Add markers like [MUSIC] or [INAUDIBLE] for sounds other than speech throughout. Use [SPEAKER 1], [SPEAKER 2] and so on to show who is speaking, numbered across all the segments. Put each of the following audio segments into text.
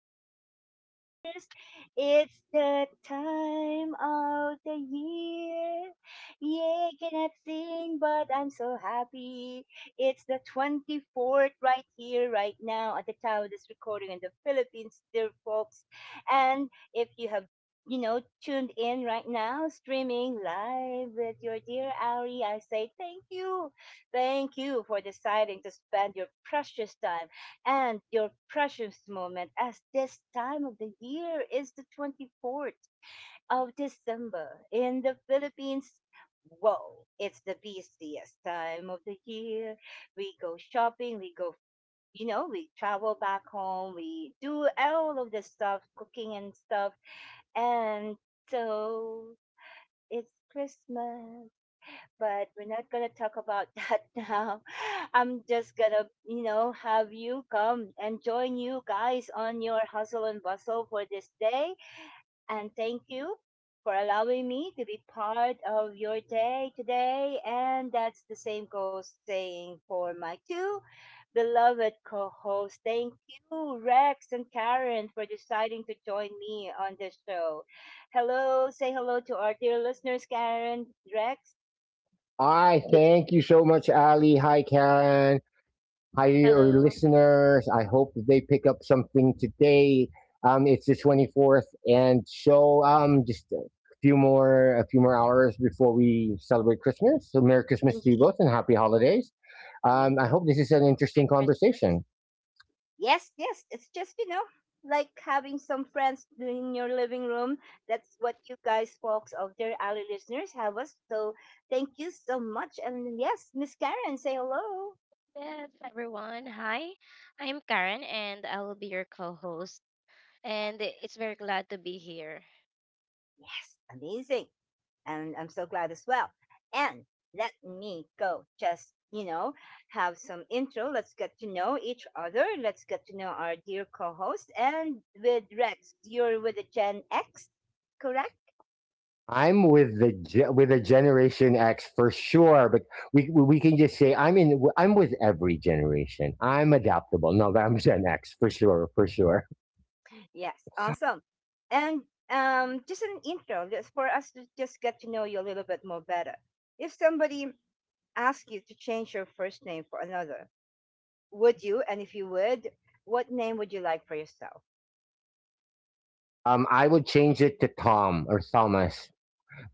[SPEAKER 1] there, our listeners, it's the time of the year. Yay, cannot sing, but I'm so happy. It's the 24th right here, right now, at the time of this recording in the Philippines, dear folks. And if you have tuned in right now, streaming live with your dear Ari, I say thank you. Thank you for deciding to spend your precious time and your precious moment, as this time of the year is the 24th of December in the Philippines. Whoa, it's the busiest time of the year. We go shopping, we go, we travel back home, we do all of this stuff, cooking and stuff and so it's Christmas, but we're not going to talk about [LAUGHS] that now. I'm just going to, you know, have you come and join you guys on your hustle and bustle for this day, and thank you for allowing me to be part of your day today. And that's the same goes saying for my two beloved co hosts. Thank you, Rex and Karen, for deciding to join me on this show. Hello, say hello to our dear listeners, Karen, Rex.
[SPEAKER 2] I
[SPEAKER 1] You did
[SPEAKER 2] thank you so much, Ali. Hi, Karen. Hi, your
[SPEAKER 3] Hello,
[SPEAKER 2] listeners. I hope that they pick up something today. It's the 24th, and so just a few more hours before we celebrate Christmas. So, Merry Christmas to you
[SPEAKER 1] indeed.
[SPEAKER 2] both, and Happy Holidays.
[SPEAKER 1] Thank
[SPEAKER 2] I
[SPEAKER 1] you.
[SPEAKER 2] hope this is an interesting
[SPEAKER 3] Merry Christmas.
[SPEAKER 2] conversation.
[SPEAKER 1] Yes, yes. It's just, like having some friends in your living room. That's what you guys, folks of Dear Alley listeners, have us. So thank you so much. And yes, Miss Karen, say hello.
[SPEAKER 3] Yes, everyone. Hi, I'm Karen and I will be your co host. And it's very glad to be here.
[SPEAKER 1] Yes, amazing. And I'm so glad as well. And let me go just, have some intro. Let's get to know each other. Let's get to know our dear co host. And with Rex, you're with the Gen X, correct?
[SPEAKER 2] I'm with the with a Generation X for sure, but we can just say I'm in. I'm with every generation. I'm adaptable. No, but I'm Gen X for sure, for sure.
[SPEAKER 1] Yes, awesome. And just an intro, just for us to just get to know you a little bit more better. If somebody asked you to change your first name for another, would you? And if you would, what name would you like for yourself?
[SPEAKER 2] I would change it to Tom or Thomas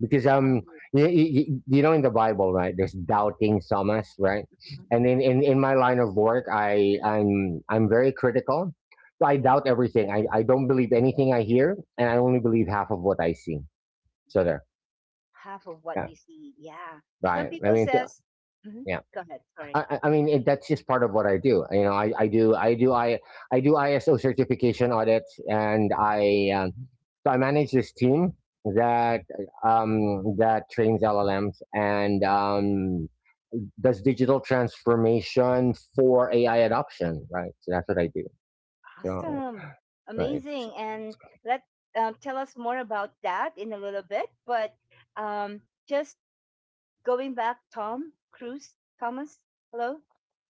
[SPEAKER 2] because
[SPEAKER 1] Um,
[SPEAKER 2] you know in the Bible, right? There's doubting Thomas, right?
[SPEAKER 1] mhm,
[SPEAKER 2] And in my line of work, I'm very critical. So I
[SPEAKER 1] mhm.
[SPEAKER 2] doubt everything. I don't believe anything I hear, and I only believe half of what I see. So there,
[SPEAKER 1] Half of what
[SPEAKER 2] yeah,
[SPEAKER 1] you see. Yeah. Some
[SPEAKER 2] right.
[SPEAKER 1] people says, mhm,
[SPEAKER 2] Yeah.
[SPEAKER 1] go ahead. Sorry.
[SPEAKER 2] I mean, that's just part of what I do. You know, I do ISO certification audits, and I so I manage this team that that trains LLMs and does digital transformation for AI adoption. Right, so that's what I do. So
[SPEAKER 1] Awesome.
[SPEAKER 2] right,
[SPEAKER 1] Amazing. And let tell us more about that in a little bit. But um, just going back, Tom Cruise, Thomas. Hello,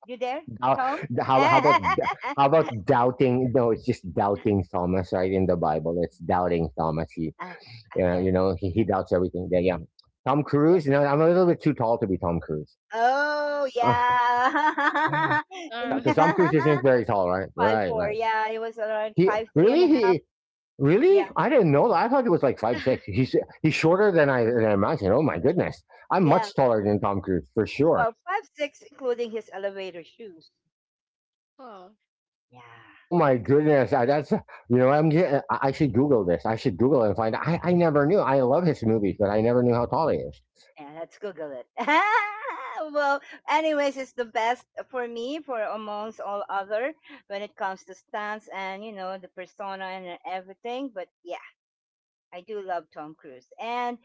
[SPEAKER 1] you there,
[SPEAKER 2] how
[SPEAKER 1] Tom?
[SPEAKER 2] how, how about
[SPEAKER 1] [LAUGHS]
[SPEAKER 2] how about doubting? No, it's just doubting Thomas, right? In the Bible, it's doubting Thomas. He
[SPEAKER 1] Uh,
[SPEAKER 2] yeah, you
[SPEAKER 1] okay.
[SPEAKER 2] know, he doubts everything there. Yeah. Tom
[SPEAKER 1] Yeah.
[SPEAKER 2] Cruise, you know, I'm a little bit too tall to be Tom Cruise.
[SPEAKER 1] Oh, yeah. [LAUGHS]
[SPEAKER 3] Uh,
[SPEAKER 1] And
[SPEAKER 2] Because [LAUGHS] Tom Cruise isn't very tall, right?
[SPEAKER 1] [LAUGHS] five
[SPEAKER 2] Right,
[SPEAKER 1] four.
[SPEAKER 2] right.
[SPEAKER 1] Yeah, it was around
[SPEAKER 2] He
[SPEAKER 1] 5'3" and
[SPEAKER 2] really
[SPEAKER 1] a half.
[SPEAKER 2] he
[SPEAKER 1] Yeah,
[SPEAKER 2] really? I didn't know that. I thought he was like 5'6".
[SPEAKER 3] [LAUGHS]
[SPEAKER 2] He's shorter than I imagined. Oh my goodness. I'm
[SPEAKER 1] yeah.
[SPEAKER 2] much taller than Tom Cruise for sure.
[SPEAKER 1] Well, 5'6", including his elevator shoes.
[SPEAKER 3] oh,
[SPEAKER 1] Yeah.
[SPEAKER 2] Oh my goodness, that's you know I'm I should Google this. I should Google and find. I never knew. I love his movies, but I never knew how tall he is.
[SPEAKER 1] Yeah, let's Google it. [LAUGHS] Well, anyways, it's the best for me, for amongst all other, when it comes to stunts and you know the persona and everything. But yeah, I do love Tom Cruise, and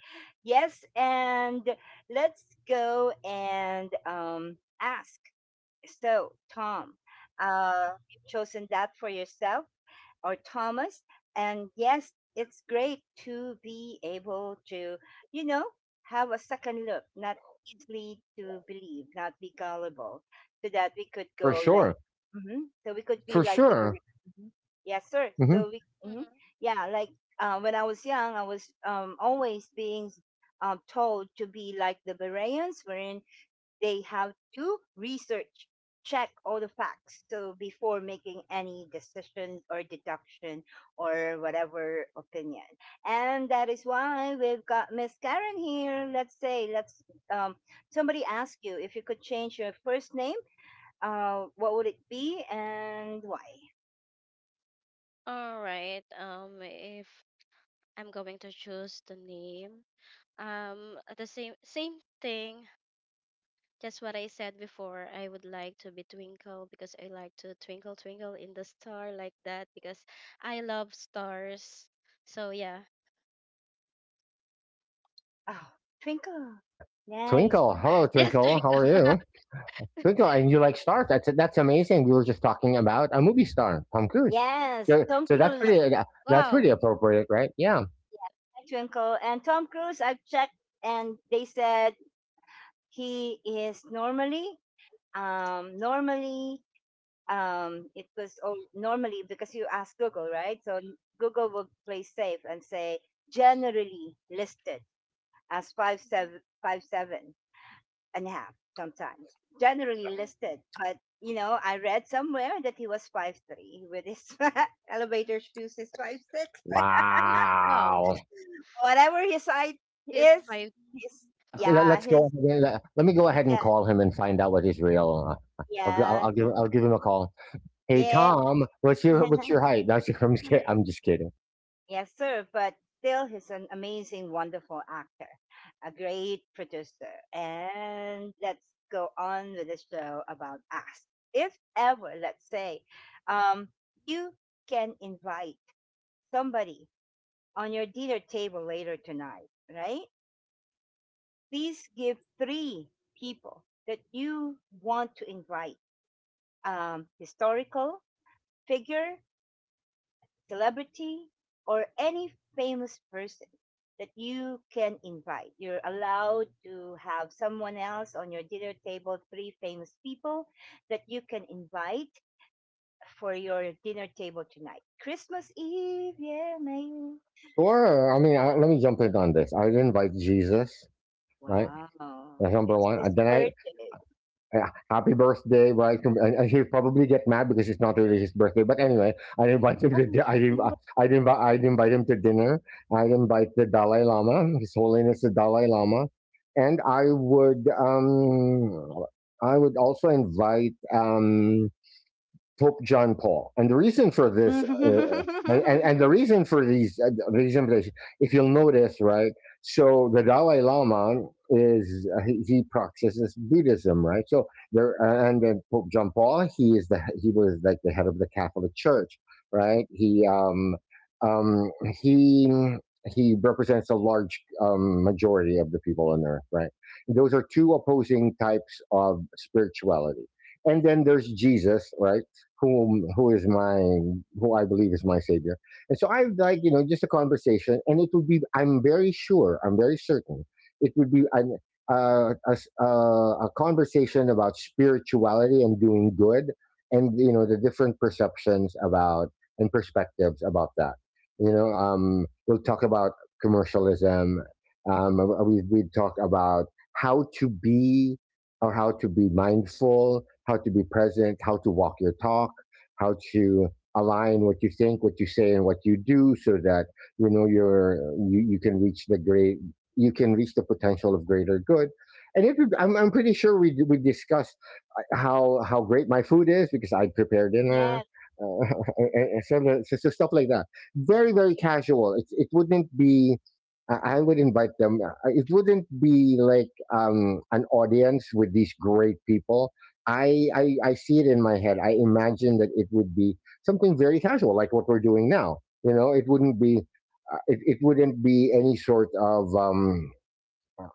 [SPEAKER 1] yes, and let's go and ask. So, Tom, you've chosen that for yourself or Thomas. And yes, it's great to be able to, you know, have a second look, not easily to believe, not be gullible, so that we could
[SPEAKER 2] For
[SPEAKER 1] go like,
[SPEAKER 2] sure,
[SPEAKER 1] mhm, so we could be
[SPEAKER 2] for
[SPEAKER 1] like the,
[SPEAKER 2] sure.
[SPEAKER 1] mhm. Yes, sir.
[SPEAKER 2] hmm
[SPEAKER 1] So we, mhm.
[SPEAKER 3] mhm.
[SPEAKER 1] Yeah, like when I was young, I was always being told to be like the Bereans, wherein they have to research, check all the facts. So before making any decision or deduction or whatever opinion. And that is why we've got Miss Karen here. Um, somebody ask you if you could change your first name, what would it be and why?
[SPEAKER 3] All right. If I'm going to choose the name, the same thing, just what I said before, I would like to be Twinkle because I like to twinkle, twinkle in the star like that because I love stars. So, yeah.
[SPEAKER 1] Oh, Twinkle. Nice,
[SPEAKER 2] Twinkle,
[SPEAKER 3] [LAUGHS]
[SPEAKER 2] hello
[SPEAKER 1] nice.
[SPEAKER 3] Yes,
[SPEAKER 2] Twinkle, how are
[SPEAKER 3] Twinkle.
[SPEAKER 2] you?
[SPEAKER 3] [LAUGHS]
[SPEAKER 2] Twinkle, and you like stars. That's amazing. We were just talking about a movie star, Tom Cruise.
[SPEAKER 1] Yes,
[SPEAKER 2] So
[SPEAKER 1] Tom
[SPEAKER 2] so
[SPEAKER 1] Cruise,
[SPEAKER 3] Oh,
[SPEAKER 2] that's
[SPEAKER 3] wow.
[SPEAKER 2] pretty appropriate, right? Yeah.
[SPEAKER 1] Twinkle. And Tom Cruise, I've checked, and they said he is normally normally it was all, normally because you ask Google, right? So Google will play safe and say generally listed as 5'7", 5'7" and a half sometimes, generally listed, but you know I read somewhere that he was 5'3" with his [LAUGHS] elevator shoes is 5'6". [LAUGHS]
[SPEAKER 3] Uy, wow.
[SPEAKER 2] Wow.
[SPEAKER 1] Whatever his height
[SPEAKER 3] This
[SPEAKER 1] is,
[SPEAKER 3] five.
[SPEAKER 1] his
[SPEAKER 3] Uh-huh.
[SPEAKER 1] yeah his
[SPEAKER 2] Let me go ahead and
[SPEAKER 1] yeah,
[SPEAKER 2] call him and find out what his real. I'll, gi-
[SPEAKER 1] yeah,
[SPEAKER 2] I'll give him a call. Hey
[SPEAKER 1] yeah.
[SPEAKER 2] Tom, what's your height? [LAUGHS] That's your, I'm just kidding.
[SPEAKER 1] [LAUGHS]
[SPEAKER 2] I'm just kidding.
[SPEAKER 1] Yes, sir, but still, he's an amazing, wonderful actor, a great producer. And let's go on with the show about us. If ever, let's say, um, you can invite somebody on your dinner table later tonight, right? Please give three people that you want to invite, historical figure, celebrity or any famous person that you can invite. You're allowed to have someone else on your dinner table, three famous people that you can invite for your dinner table tonight. Christmas Eve, yeah, man.
[SPEAKER 2] Or I mean, I, let me jump in on this. I invite Jesus, right?
[SPEAKER 1] Wow.
[SPEAKER 2] That's number
[SPEAKER 1] It's
[SPEAKER 2] one.
[SPEAKER 1] his
[SPEAKER 2] And then I
[SPEAKER 1] birthday.
[SPEAKER 2] yeah, happy birthday, right? And, he'll probably get mad because it's not really his birthday. But anyway, I invite him to.
[SPEAKER 1] Oh,
[SPEAKER 2] Di- I inv- I invite him to dinner. I invite the Dalai Lama, His Holiness the Dalai Lama, and I would also invite Pope John Paul. And the reason for this, and the
[SPEAKER 1] [LAUGHS]
[SPEAKER 2] reason for these, reason, if you'll notice, right? So the Dalai Lama is, he practices Buddhism, right? So there, and then Pope John Paul, he was like the head of the Catholic Church, right? Um, he, he represents a large majority of the people on earth, right? Those are two opposing types of spirituality. And then there's Jesus, right? Who is my who I believe is my savior. And so I would like you know just a conversation, and it would be I'm very sure I'm very certain it would be a conversation about spirituality and doing good, and you know the different perceptions about and perspectives about that. You know, we'll talk about commercialism. Um, we we talk about how to be how to be mindful, how to be present, how to walk your talk, how to align what you think, what you say, and what you do, so that you know you can reach the great you can reach the potential of greater good. And if you, I'm pretty sure we discussed how great my food is because I prepare dinner.
[SPEAKER 1] yes.
[SPEAKER 2] Uh, [LAUGHS] so stuff like that. Very, very casual. It wouldn't be I would invite them. It wouldn't be like an audience with these great people. I see it in my head. I imagine that it would be something very casual, like what we're doing now. You know, it wouldn't be it wouldn't be any sort of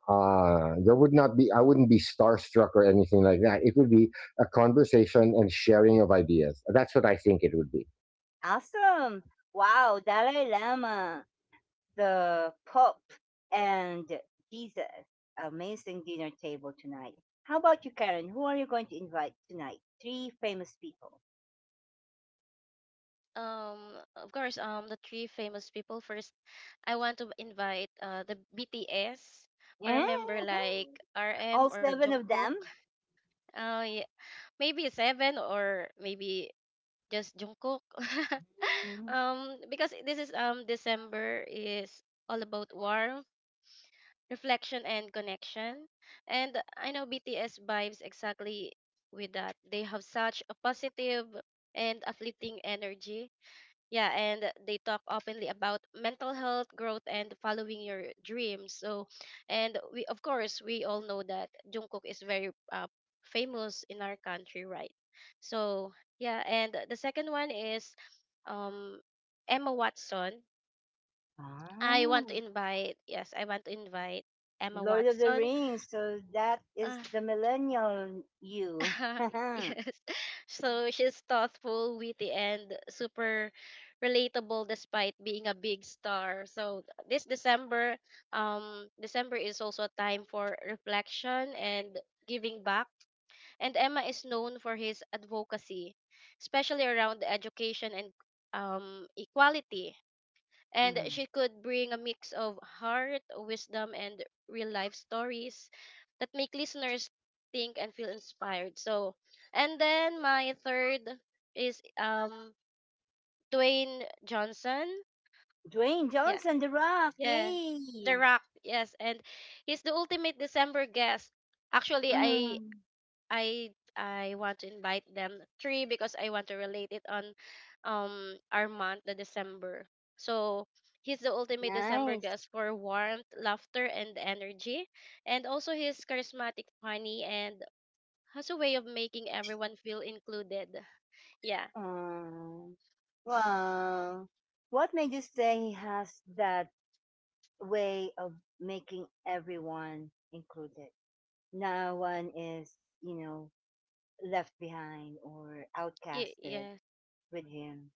[SPEAKER 2] there would not be I wouldn't be starstruck or anything like that. It would be a conversation and sharing of ideas. That's what I think it would be.
[SPEAKER 1] Awesome. Wow, Dalai Lama, the Pope, and Jesus, amazing dinner table tonight. How about you, Karen? Who are you going to invite tonight? Three famous people.
[SPEAKER 3] Um, of course, the three famous people. First, I want to invite the BTS or a member
[SPEAKER 1] [LAUGHS]
[SPEAKER 3] like RM
[SPEAKER 1] All
[SPEAKER 3] or
[SPEAKER 1] seven of
[SPEAKER 3] Jungkook.
[SPEAKER 1] them?
[SPEAKER 3] Yeah, maybe seven or maybe just Jungkook. [LAUGHS]
[SPEAKER 1] Mm.
[SPEAKER 3] Because this is December is all about war. Reflection and connection. And I know BTS vibes exactly with that. They have such a positive and uplifting energy. Yeah, and they talk openly about mental health, growth, and following your dreams. So, and we, of course, we all know that Jungkook is very famous in our country, right? So, yeah, and the second one is um, Emma Watson. I want
[SPEAKER 1] Ah,
[SPEAKER 3] to invite, yes, I want to invite Emma
[SPEAKER 1] Lord of the
[SPEAKER 3] Watson.
[SPEAKER 1] Rings. So that is
[SPEAKER 3] uh,
[SPEAKER 1] the millennial you. [LAUGHS]
[SPEAKER 3] [LAUGHS] yes. So she's thoughtful, witty, and super relatable despite being a big star. So this December, December is also a time for reflection and giving back. And Emma is known for his advocacy, especially around education and equality and
[SPEAKER 1] Mm.
[SPEAKER 3] she could bring a mix of heart, wisdom, and real life stories that make listeners think and feel inspired. So, and then my third is Dwayne Johnson.
[SPEAKER 1] Dwayne
[SPEAKER 3] Yeah,
[SPEAKER 1] Johnson, The Rock.
[SPEAKER 3] yeah,
[SPEAKER 1] Yay.
[SPEAKER 3] The Rock. Yes, and he's the ultimate December guest. Actually,
[SPEAKER 1] Mm.
[SPEAKER 3] I I want to invite them. Three because I want to relate it on our month, the December. So he's the ultimate December
[SPEAKER 1] Nice.
[SPEAKER 3] guest for warmth, laughter, and energy. And also he's charismatic, funny, and has a way of making everyone feel included. Yeah.
[SPEAKER 1] Um, well, what made you say he has that way of making everyone included? No one is, you know, left behind or
[SPEAKER 3] Y-
[SPEAKER 1] outcasted
[SPEAKER 3] yeah.
[SPEAKER 1] with him.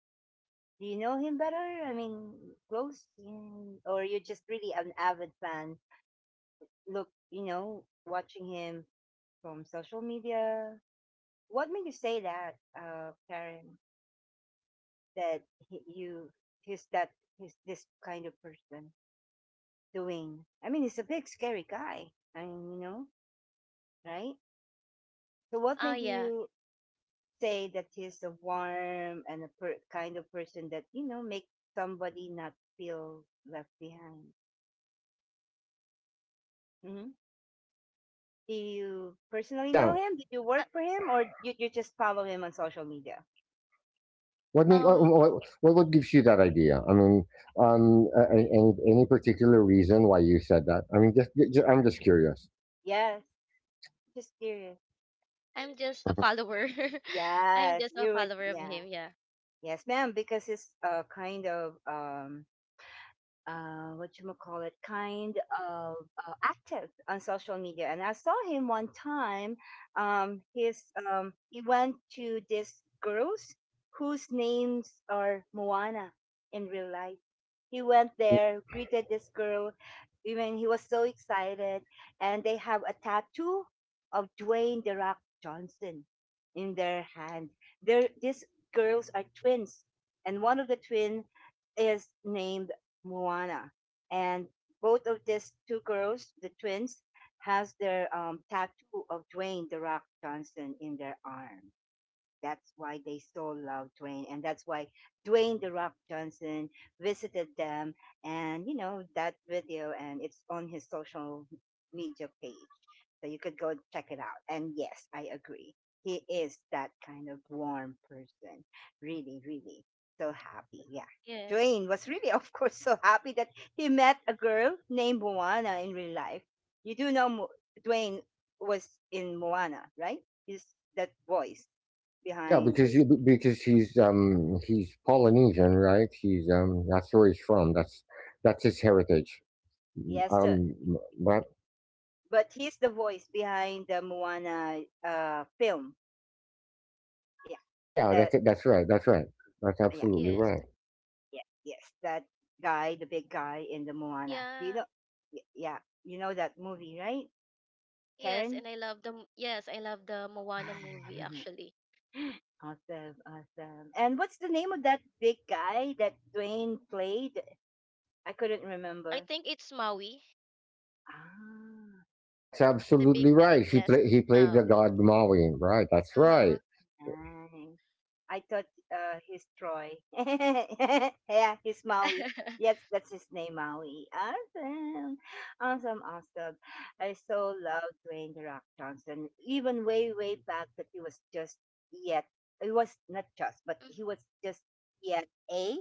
[SPEAKER 1] Do you know him better? I mean, close? Mm, or you're just really an avid fan? Look, you know, watching him from social media. What made you say that, Karen? that he, you that he's this kind of person doing. I mean, he's a big scary guy. I mean, you know, right? So what
[SPEAKER 3] Oh
[SPEAKER 1] made
[SPEAKER 3] yeah.
[SPEAKER 1] you
[SPEAKER 3] Mm.
[SPEAKER 1] say that he's a warm and a kind of person that you know make somebody not feel left behind? Hmm. Do you personally know
[SPEAKER 2] Yeah,
[SPEAKER 1] him? Did you
[SPEAKER 3] Uh,
[SPEAKER 1] work for him, or you just follow him on social media?
[SPEAKER 2] What make
[SPEAKER 3] Um
[SPEAKER 2] what gives you that idea? I mean, any particular reason why you said that? I mean, just I'm just curious. [LAUGHS]
[SPEAKER 1] Yes, just curious.
[SPEAKER 3] I'm just a
[SPEAKER 2] Mhm.
[SPEAKER 3] follower. [LAUGHS] I'm
[SPEAKER 1] Yes,
[SPEAKER 3] just a
[SPEAKER 1] you would.
[SPEAKER 3] follower of
[SPEAKER 1] Yeah,
[SPEAKER 3] him, yeah.
[SPEAKER 1] yes, ma'am. Because it's a kind of what you call it, kind of active on social media. And I saw him one time. His he went to these girls whose names are Moana in real life. He went there, greeted this girl. Even he was so excited, and they have a tattoo of Dwayne the Rock Johnson in their hand. These girls are twins, and one of the twin is named Moana. And both of these two girls, the twins, has their tattoo of Dwayne the Rock Johnson in their arm. That's why they so love Dwayne, and that's why Dwayne the Rock Johnson visited them, and you know that video, and it's on his social media page, so you could go check it out. And yes, I agree, he is that kind of warm person, really, really so happy. Yeah,
[SPEAKER 3] Yes.
[SPEAKER 1] Dwayne was really, [LAUGHS] of course, so happy that he met a girl named Moana in real life. You do know Dwayne was in Moana, right? Is that voice
[SPEAKER 2] Yeah,
[SPEAKER 1] behind
[SPEAKER 2] because
[SPEAKER 1] this?
[SPEAKER 2] because
[SPEAKER 1] Mm.
[SPEAKER 2] he's Polynesian, right? He's that's where he's from. That's his heritage.
[SPEAKER 1] Yes, sir.
[SPEAKER 2] Um, but
[SPEAKER 1] But he's the voice behind the Moana film. Yeah.
[SPEAKER 2] yeah,
[SPEAKER 1] The
[SPEAKER 2] that's it. That's right. That's right. That's
[SPEAKER 1] yeah,
[SPEAKER 2] absolutely
[SPEAKER 3] Yes.
[SPEAKER 2] right.
[SPEAKER 1] yeah, yes. That guy, the big guy in the Moana. Do you know
[SPEAKER 3] Yeah.
[SPEAKER 1] yeah, you know that movie, right?
[SPEAKER 3] Yes,
[SPEAKER 1] Karen?
[SPEAKER 3] and I love the m- yes, I love the Moana movie
[SPEAKER 1] [SIGHS]
[SPEAKER 3] actually.
[SPEAKER 1] [LAUGHS] Awesome, awesome. And what's the name of that big guy that Dwayne played? I couldn't
[SPEAKER 3] I
[SPEAKER 1] remember.
[SPEAKER 3] think it's Maui,
[SPEAKER 1] Ah,
[SPEAKER 2] That's
[SPEAKER 3] the big
[SPEAKER 2] absolutely
[SPEAKER 3] guy.
[SPEAKER 2] right.
[SPEAKER 3] Yes,
[SPEAKER 2] He
[SPEAKER 3] it's
[SPEAKER 2] played the
[SPEAKER 3] Maui.
[SPEAKER 2] god Maui, right? That's
[SPEAKER 3] Uh-huh.
[SPEAKER 2] right.
[SPEAKER 1] nice. I thought he's Troy. [LAUGHS] Yeah, he's Maui.
[SPEAKER 3] [LAUGHS]
[SPEAKER 1] Yes, that's his name, Maui. Awesome, awesome, awesome. I so love Dwayne the Rock Johnson. Even way, way back, that he was just yet. He was not just, but
[SPEAKER 3] Mhm,
[SPEAKER 1] he was just yet a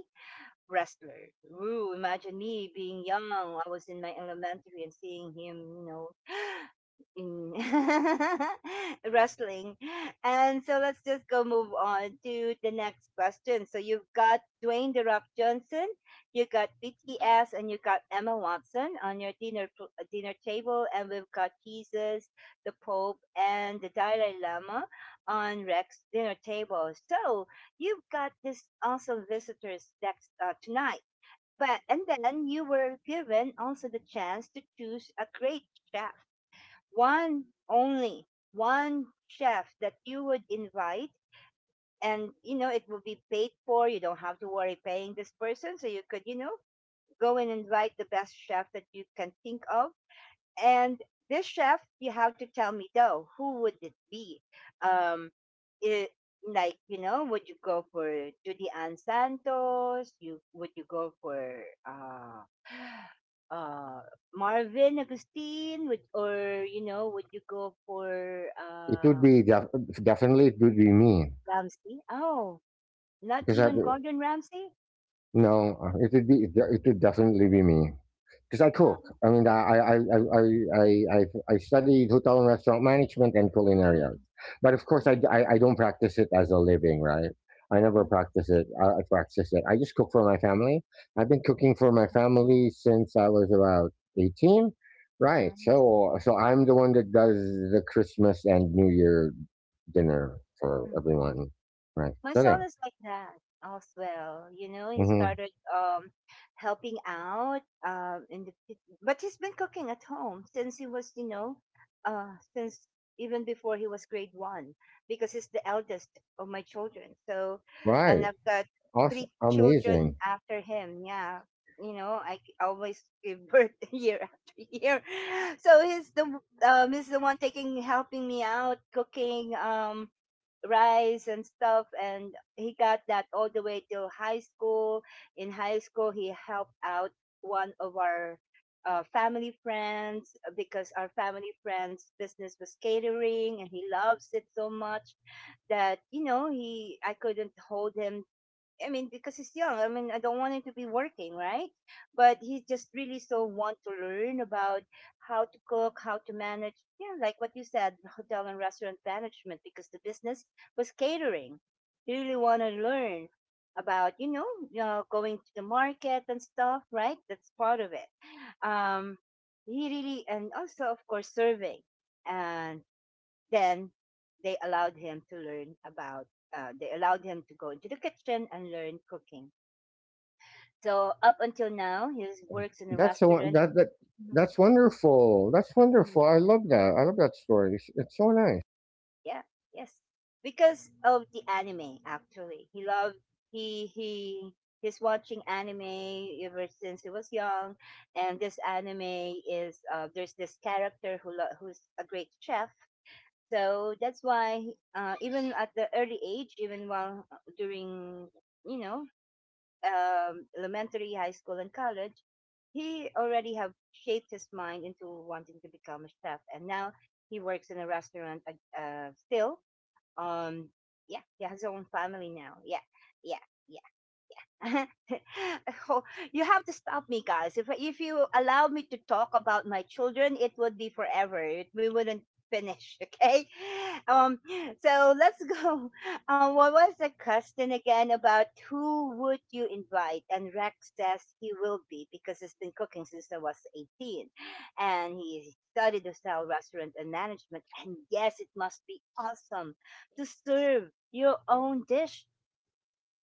[SPEAKER 1] wrestler. Ooh, imagine me being young. I was in my elementary and seeing him, you know, [GASPS] in [LAUGHS] wrestling. And so let's just go move on to the next question. So you've got Dwayne The Rock Johnson, you got
[SPEAKER 3] mhm.
[SPEAKER 1] BTS, and you got Emma Watson on your dinner table, and we've got Jesus, the Pope, and the Dalai Lama on Rex's dinner table. So you've got this also visitors next tonight. But and then you were given also the chance to choose a great chef, one only, one chef that you would invite, and you know it will be paid for. You don't have to worry paying this person, so you could you know go and invite the best chef that you can think of, and this chef, you have to tell me though, who would it be? Um, it, like you know, would you go for Judy Ann Santos? You would you go for uh uh Marvin Agustin? Would or you know, would you go for
[SPEAKER 2] It would be def- definitely it would be me
[SPEAKER 1] Ramsey? Oh, not
[SPEAKER 2] because I,
[SPEAKER 1] even Gordon Ramsay?
[SPEAKER 2] No, it would definitely be me because I
[SPEAKER 1] Wow.
[SPEAKER 2] cook. I mean, I studied hotel and restaurant management and culinary arts, but of course
[SPEAKER 1] Oh,
[SPEAKER 2] I don't practice it as a living, right? I never
[SPEAKER 1] oh,
[SPEAKER 2] practice it. I practice it. I just cook for my family. I've been cooking for my family since I was about 18, right?
[SPEAKER 1] nice,
[SPEAKER 2] So so I'm the one that does the Christmas and New Year dinner for
[SPEAKER 1] nice.
[SPEAKER 2] everyone, right?
[SPEAKER 1] My
[SPEAKER 2] So
[SPEAKER 1] son
[SPEAKER 2] yeah,
[SPEAKER 1] is like that as well. You know, he
[SPEAKER 2] hmm
[SPEAKER 1] started helping out in the but he's been cooking at home since he was, you know, since even before he was grade one because he's the eldest of my children. So,
[SPEAKER 2] right.
[SPEAKER 1] and I've got
[SPEAKER 2] Awesome.
[SPEAKER 1] three children
[SPEAKER 2] Amazing.
[SPEAKER 1] after him. Yeah. You know, I always give birth [LAUGHS] year after year. So he's the one taking helping me out cooking rice and stuff, and he got that all the way till high school. In high school, he helped out one of our family friends because our family friends business was catering, and he loves it so much that, you know, he I couldn't hold him. I mean, because he's young. I mean, I don't want him to be working, right? But he just really so want to learn about how to cook, how to manage, yeah, like what you said, [LAUGHS] hotel and restaurant management, because the business was catering. He really want to learn about, you know, going to the market and stuff, right? That's part of it. Um, he really, and also, of course, serving. And then they allowed him to learn about they allowed him to go into the kitchen and learn cooking, so up until now he works in a
[SPEAKER 2] That's so
[SPEAKER 1] restaurant.
[SPEAKER 2] that that
[SPEAKER 1] Mhm.
[SPEAKER 2] that's wonderful. That's
[SPEAKER 1] Mm.
[SPEAKER 2] wonderful. I love that. I love that story. It's so nice.
[SPEAKER 1] Yeah. Yes. Because of the anime, actually, he loved, he he's watching anime ever since he was young, and this anime is there's this character who who's a great chef. So that's why, even at the early age, even while during, you know, elementary, high school, and college, he already have shaped his mind into wanting to become a chef. And now he works in a restaurant still. Um, yeah, he has his own family now. Yeah, yeah, yeah. [LAUGHS] Oh, you have to stop me, guys. If you allow me to talk about my children, it would be forever. It, we wouldn't finish. [LAUGHS] Okay. Um. So let's go. [LAUGHS] Um. What was the question again about who would you invite? And Rex says he will be because he's been cooking since I was 18, and he studied hotel restaurant and management. And yes, it must be awesome to
[SPEAKER 3] Yes.
[SPEAKER 1] serve your own dish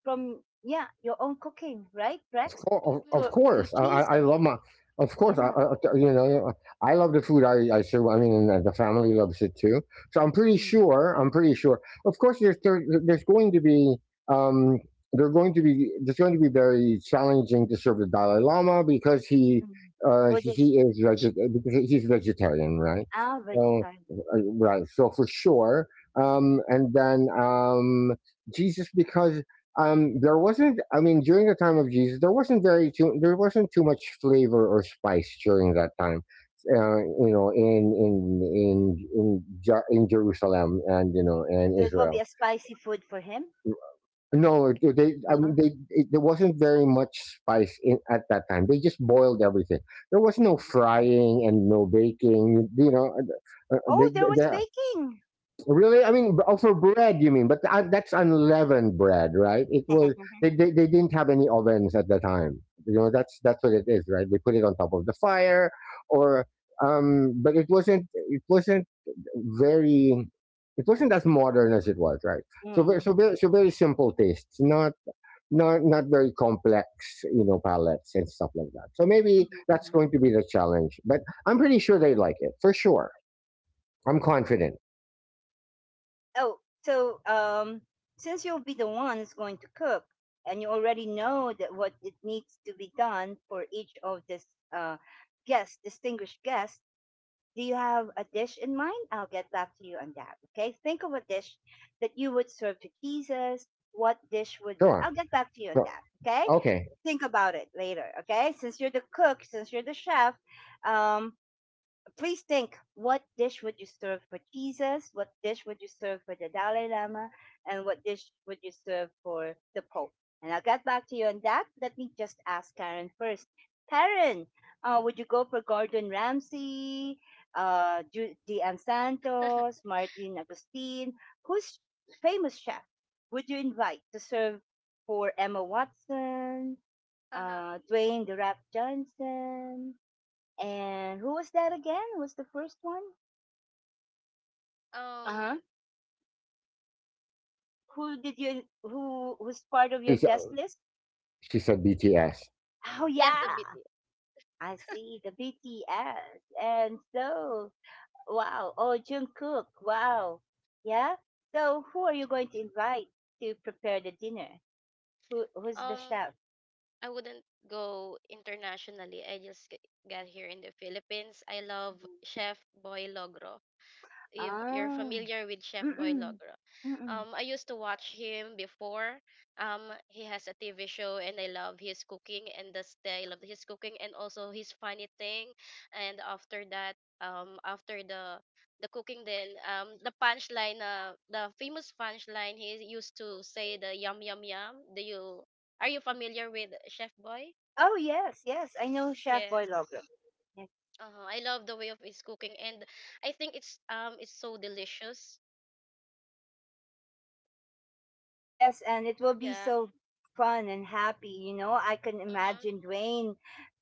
[SPEAKER 1] from, yeah, your own cooking, right, Rex?
[SPEAKER 2] Of
[SPEAKER 1] to
[SPEAKER 3] Mm-hmm.
[SPEAKER 1] to
[SPEAKER 2] course, I
[SPEAKER 1] Jesus.
[SPEAKER 2] love my. Of course,
[SPEAKER 1] Yeah.
[SPEAKER 2] I- you know I love the food I serve. I mean, and the family loves it too. So I'm pretty
[SPEAKER 1] Mm.
[SPEAKER 2] sure. I'm pretty sure. Of course, there's going to be um there's going to be very challenging to serve the Dalai Lama because
[SPEAKER 1] Mm.
[SPEAKER 2] he
[SPEAKER 1] Buddhists
[SPEAKER 2] is because he's vegetarian, right?
[SPEAKER 1] are
[SPEAKER 2] So
[SPEAKER 1] vegetarian.
[SPEAKER 2] right. So for sure. And then Jesus because there wasn't. I mean, during the time of Jesus, there wasn't very too. There wasn't too much flavor or spice during that time. You know, in Jerusalem and you know and
[SPEAKER 1] So it will be
[SPEAKER 2] Israel.
[SPEAKER 1] a spicy food for him?
[SPEAKER 2] No,
[SPEAKER 1] No.
[SPEAKER 2] there wasn't very much spice in at that time. They just boiled everything. There was no
[SPEAKER 1] Mm-hmm.
[SPEAKER 2] frying and no baking. You know,
[SPEAKER 1] Oh, there was
[SPEAKER 2] they,
[SPEAKER 1] baking.
[SPEAKER 2] Oh, really? I mean, oh, for bread, you mean? But that's unleavened bread, right? It was
[SPEAKER 1] [LAUGHS]
[SPEAKER 2] they didn't have any ovens at the time. You know, that's what it is, right? They put it on top of the fire, or but it wasn't very it wasn't as modern as it was, right? So very,
[SPEAKER 1] Mm.
[SPEAKER 2] so very simple tastes, not not very complex, you know, palettes and stuff like that. So maybe that's
[SPEAKER 1] Hmm.
[SPEAKER 2] going to be the challenge. But I'm pretty sure they like it for sure. I'm confident.
[SPEAKER 1] Oh, so, since you'll be the one who's going to cook, and you already know that what it needs to be done for each of this, uh guest, distinguished guest, do you have a dish in mind? I'll get back to you on that. Okay. Think of a dish that you would serve to Jesus. What dish would
[SPEAKER 2] Sure.
[SPEAKER 1] I'll get back to you on
[SPEAKER 2] Sure.
[SPEAKER 1] that. Okay.
[SPEAKER 2] Okay.
[SPEAKER 1] Think about it later. Okay. Since you're the cook, since you're the chef, um, please think what dish would you serve for Jesus, what dish would you serve for the Dalai Lama, and what dish would you serve for the Pope? And I'll get back to you on that. Let me just ask Karen first. Karen, would you go for Gordon Ramsay, uh, Dian Santos, Martin Agustin? Who's famous chef would you invite to serve for Emma Watson,
[SPEAKER 3] Uh-huh.
[SPEAKER 1] Dwayne The Rock Johnson, and who was that again? Was the first one? Uh
[SPEAKER 3] Um,
[SPEAKER 1] huh. Who did you? Who was part of your
[SPEAKER 2] She's, uh,
[SPEAKER 1] guest list?
[SPEAKER 2] she said BTS.
[SPEAKER 1] Oh
[SPEAKER 3] yes, the
[SPEAKER 1] yeah,
[SPEAKER 3] BT.
[SPEAKER 1] I see the BTS. And so, wow. Oh, Jungkook. Wow. Yeah. So, who are you going to invite to prepare the dinner? Who? Who's the
[SPEAKER 3] Um,
[SPEAKER 1] chef?
[SPEAKER 3] I wouldn't go internationally. I just got here in the Philippines. I love
[SPEAKER 1] Mhm.
[SPEAKER 3] Chef Boy if you're
[SPEAKER 1] Ah.
[SPEAKER 3] familiar with Chef
[SPEAKER 1] Mm
[SPEAKER 3] Boy
[SPEAKER 1] mm.
[SPEAKER 3] Logro.
[SPEAKER 1] Mm mm.
[SPEAKER 3] I used to watch him before. Um, he has a TV show, and I love his cooking and the style of his cooking, and also his funny thing. And after that, after the cooking, then the punchline, the famous punchline, he used to say the yum yum yum. Do you are you familiar with Chef Boy?
[SPEAKER 1] Oh yes, yes. I know Chef Boy
[SPEAKER 3] Yes.
[SPEAKER 1] Logro.
[SPEAKER 3] I love the way of his cooking, and I think it's so delicious.
[SPEAKER 1] Yes, and it will be
[SPEAKER 3] Yeah.
[SPEAKER 1] so fun and happy. You know, I can
[SPEAKER 3] Mhm.
[SPEAKER 1] imagine Dwayne.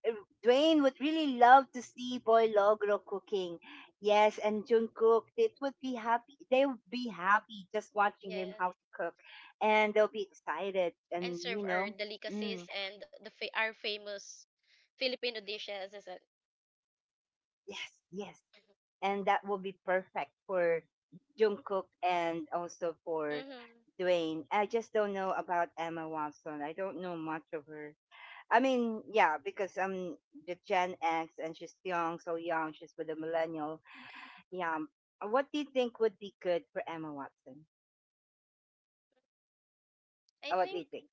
[SPEAKER 1] uh, Dwayne would really love to see Boy Logro cooking. Yes, and Jungkook, it would be happy. They would be happy just watching him
[SPEAKER 3] Yes,
[SPEAKER 1] how to cook, and they'll be excited. And,
[SPEAKER 3] and
[SPEAKER 1] you
[SPEAKER 3] serve our
[SPEAKER 1] know, mm,
[SPEAKER 3] delicacies and our famous Filipino dishes, is it?
[SPEAKER 1] yes, yes, and that will be perfect for Jungkook and also for
[SPEAKER 3] Mm-hmm.
[SPEAKER 1] Dwayne. I just don't know about Emma Watson. I don't know much of her. I mean, yeah, because, the Gen X and she's young, so young. She's with a millennial. Yeah. Um, what do you think would be good for Emma Watson?
[SPEAKER 3] I
[SPEAKER 1] What do
[SPEAKER 3] think
[SPEAKER 1] you think?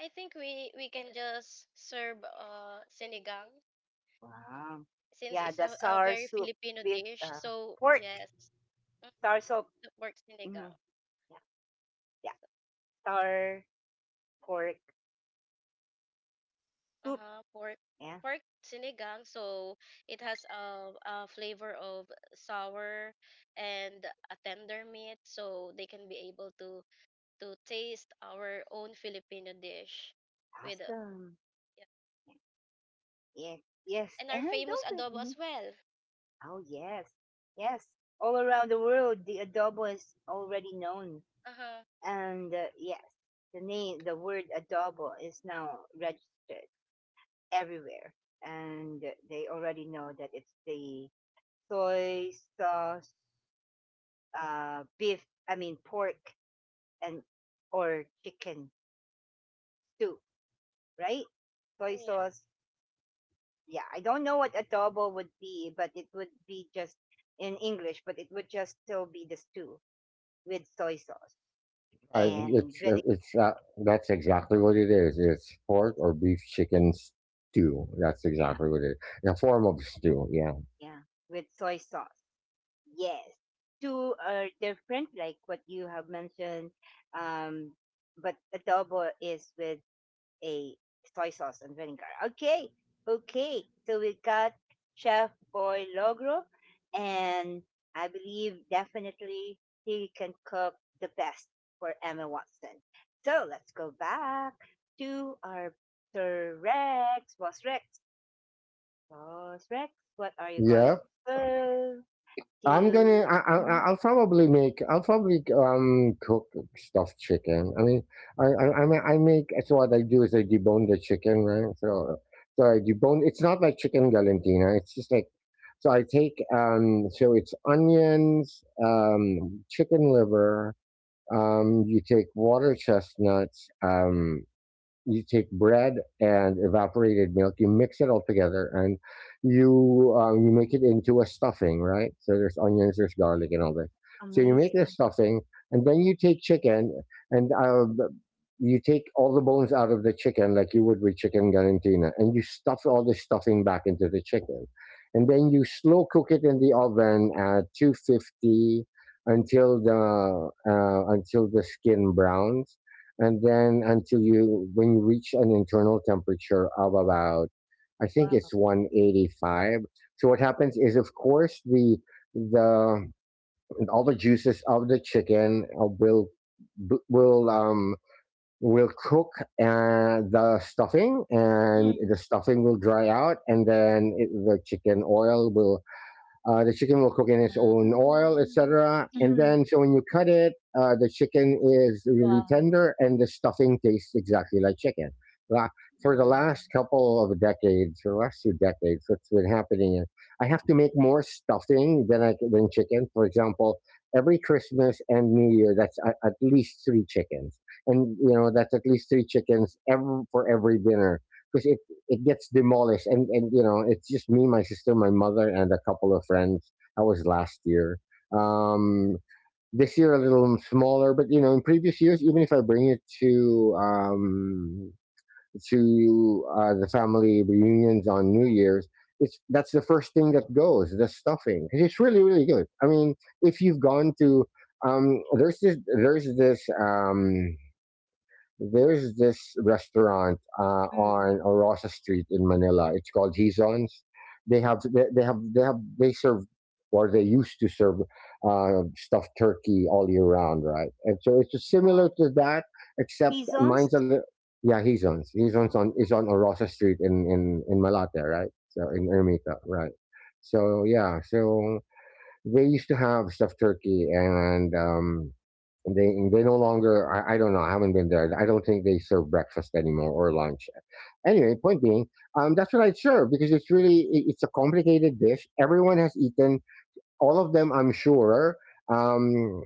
[SPEAKER 3] I think we can just serve sinigang
[SPEAKER 1] Wow.
[SPEAKER 3] since
[SPEAKER 1] Yeah,
[SPEAKER 3] it's
[SPEAKER 1] the
[SPEAKER 3] a
[SPEAKER 1] sour
[SPEAKER 3] very
[SPEAKER 1] soup
[SPEAKER 3] Filipino
[SPEAKER 1] with,
[SPEAKER 3] dish. So
[SPEAKER 1] pork.
[SPEAKER 3] yes, mm,
[SPEAKER 1] Sour soup.
[SPEAKER 3] the pork
[SPEAKER 1] Hmm.
[SPEAKER 3] sinigang.
[SPEAKER 1] Yeah, yeah. Sour pork
[SPEAKER 3] Uh
[SPEAKER 1] soup.
[SPEAKER 3] huh. Pork
[SPEAKER 1] Yeah.
[SPEAKER 3] pork sinigang. So it has a flavor of sour and a tender meat. So they can be able to taste our own Filipino dish with
[SPEAKER 1] Awesome.
[SPEAKER 3] yeah.
[SPEAKER 1] Yeah. Yes.
[SPEAKER 3] And
[SPEAKER 1] And
[SPEAKER 3] our famous
[SPEAKER 1] open.
[SPEAKER 3] adobo
[SPEAKER 1] Hmm.
[SPEAKER 3] as well.
[SPEAKER 1] Oh yes. Yes. All around the world, the adobo is already known.
[SPEAKER 3] Uh-huh.
[SPEAKER 1] And yes, the name, the word adobo is now registered everywhere, and they already know that it's the soy sauce, beef. I mean pork and or chicken stew, right? Soy
[SPEAKER 3] Yeah.
[SPEAKER 1] sauce. Yeah, I don't know what adobo would be, but it would be just in English, but it would just still be the stew with soy sauce and vinegar.
[SPEAKER 2] It's That's exactly what it is. It's pork
[SPEAKER 1] It's a
[SPEAKER 2] or
[SPEAKER 1] stew.
[SPEAKER 2] beef chicken stew. That's
[SPEAKER 1] Yeah,
[SPEAKER 2] exactly what it is. A form of stew. Yeah.
[SPEAKER 1] yeah, with soy sauce. Yes, two are different, like what you have mentioned. Um, but adobo is with a soy sauce and vinegar. Okay, okay. So we got Chef Boy Logro, and I believe definitely he can cook the best for Emma Watson. So let's go back to our Sir Rex, Boss Rex, Boss Rex. What are you going
[SPEAKER 2] Yeah.
[SPEAKER 1] to serve
[SPEAKER 2] I'm gonna.
[SPEAKER 1] to?
[SPEAKER 2] I- I'll probably make. I'll probably cook stuffed chicken. I mean, I make. So what I do is I debone the chicken, right? So so I debone. It's not like chicken galantina. It's just like. So I take So it's onions, chicken liver, you take water chestnuts, you take bread and evaporated milk, you mix it all together, and you make it into a stuffing, right? So there's onions, there's garlic, and all that. So you make the
[SPEAKER 1] Amazing.
[SPEAKER 2] stuffing, and then you take chicken, and you take all the bones out of the chicken, like you would with chicken galantina, and you stuff all the stuffing back into the chicken, and then you slow cook it in the oven at 250 until the skin browns and then until you when you reach an internal temperature of about I think
[SPEAKER 1] Wow.
[SPEAKER 2] it's 185. So what happens is of course the the all the juices of the chicken will cook the stuffing and
[SPEAKER 1] Mm.
[SPEAKER 2] the stuffing will dry out and then the chicken oil will the chicken will cook in its
[SPEAKER 1] Yeah.
[SPEAKER 2] own oil,
[SPEAKER 1] Mm.
[SPEAKER 2] etc. And
[SPEAKER 1] Mhm.
[SPEAKER 2] then, so when you cut it, the chicken is really
[SPEAKER 1] Wow.
[SPEAKER 2] tender, and the stuffing tastes exactly like chicken. La- for the
[SPEAKER 1] Yeah.
[SPEAKER 2] last couple of decades, or last two decades, what's been happening is I have to make more stuffing than than chicken. For example, every Christmas and New Year, that's at least three chickens, and you know that's at least three chickens for every dinner, because it gets demolished, and you know, it's just me, my sister, my mother, and a couple of friends. That was last year. um this year a little smaller, but you know, in previous years, even if I bring it to the family reunions on New Year's, it's that's the first thing that goes, the stuffing. 'Cause it's really, really good. I mean, if you've gone to um there's this there's this um there's this restaurant
[SPEAKER 1] Mm.
[SPEAKER 2] on Orosa Street in Manila. It's called Hizon's. They serve, or they used to serve, uh, stuffed turkey all year round, right? And so it's just
[SPEAKER 1] Wow.
[SPEAKER 2] similar to that, except
[SPEAKER 1] He's on. S-.
[SPEAKER 2] mine's a little. Yeah, Hizon's. Hizon's on is
[SPEAKER 1] Wow.
[SPEAKER 2] on Orosa Street in Malate, right? So in Ermita, right? So yeah, so they used to have stuffed turkey, and they no longer. I don't know. I haven't been there. I don't think they serve breakfast anymore or lunch. Anyway, point being, that's what I'd serve, because it's it's a complicated dish. Everyone has eaten, all of them, I'm sure, um,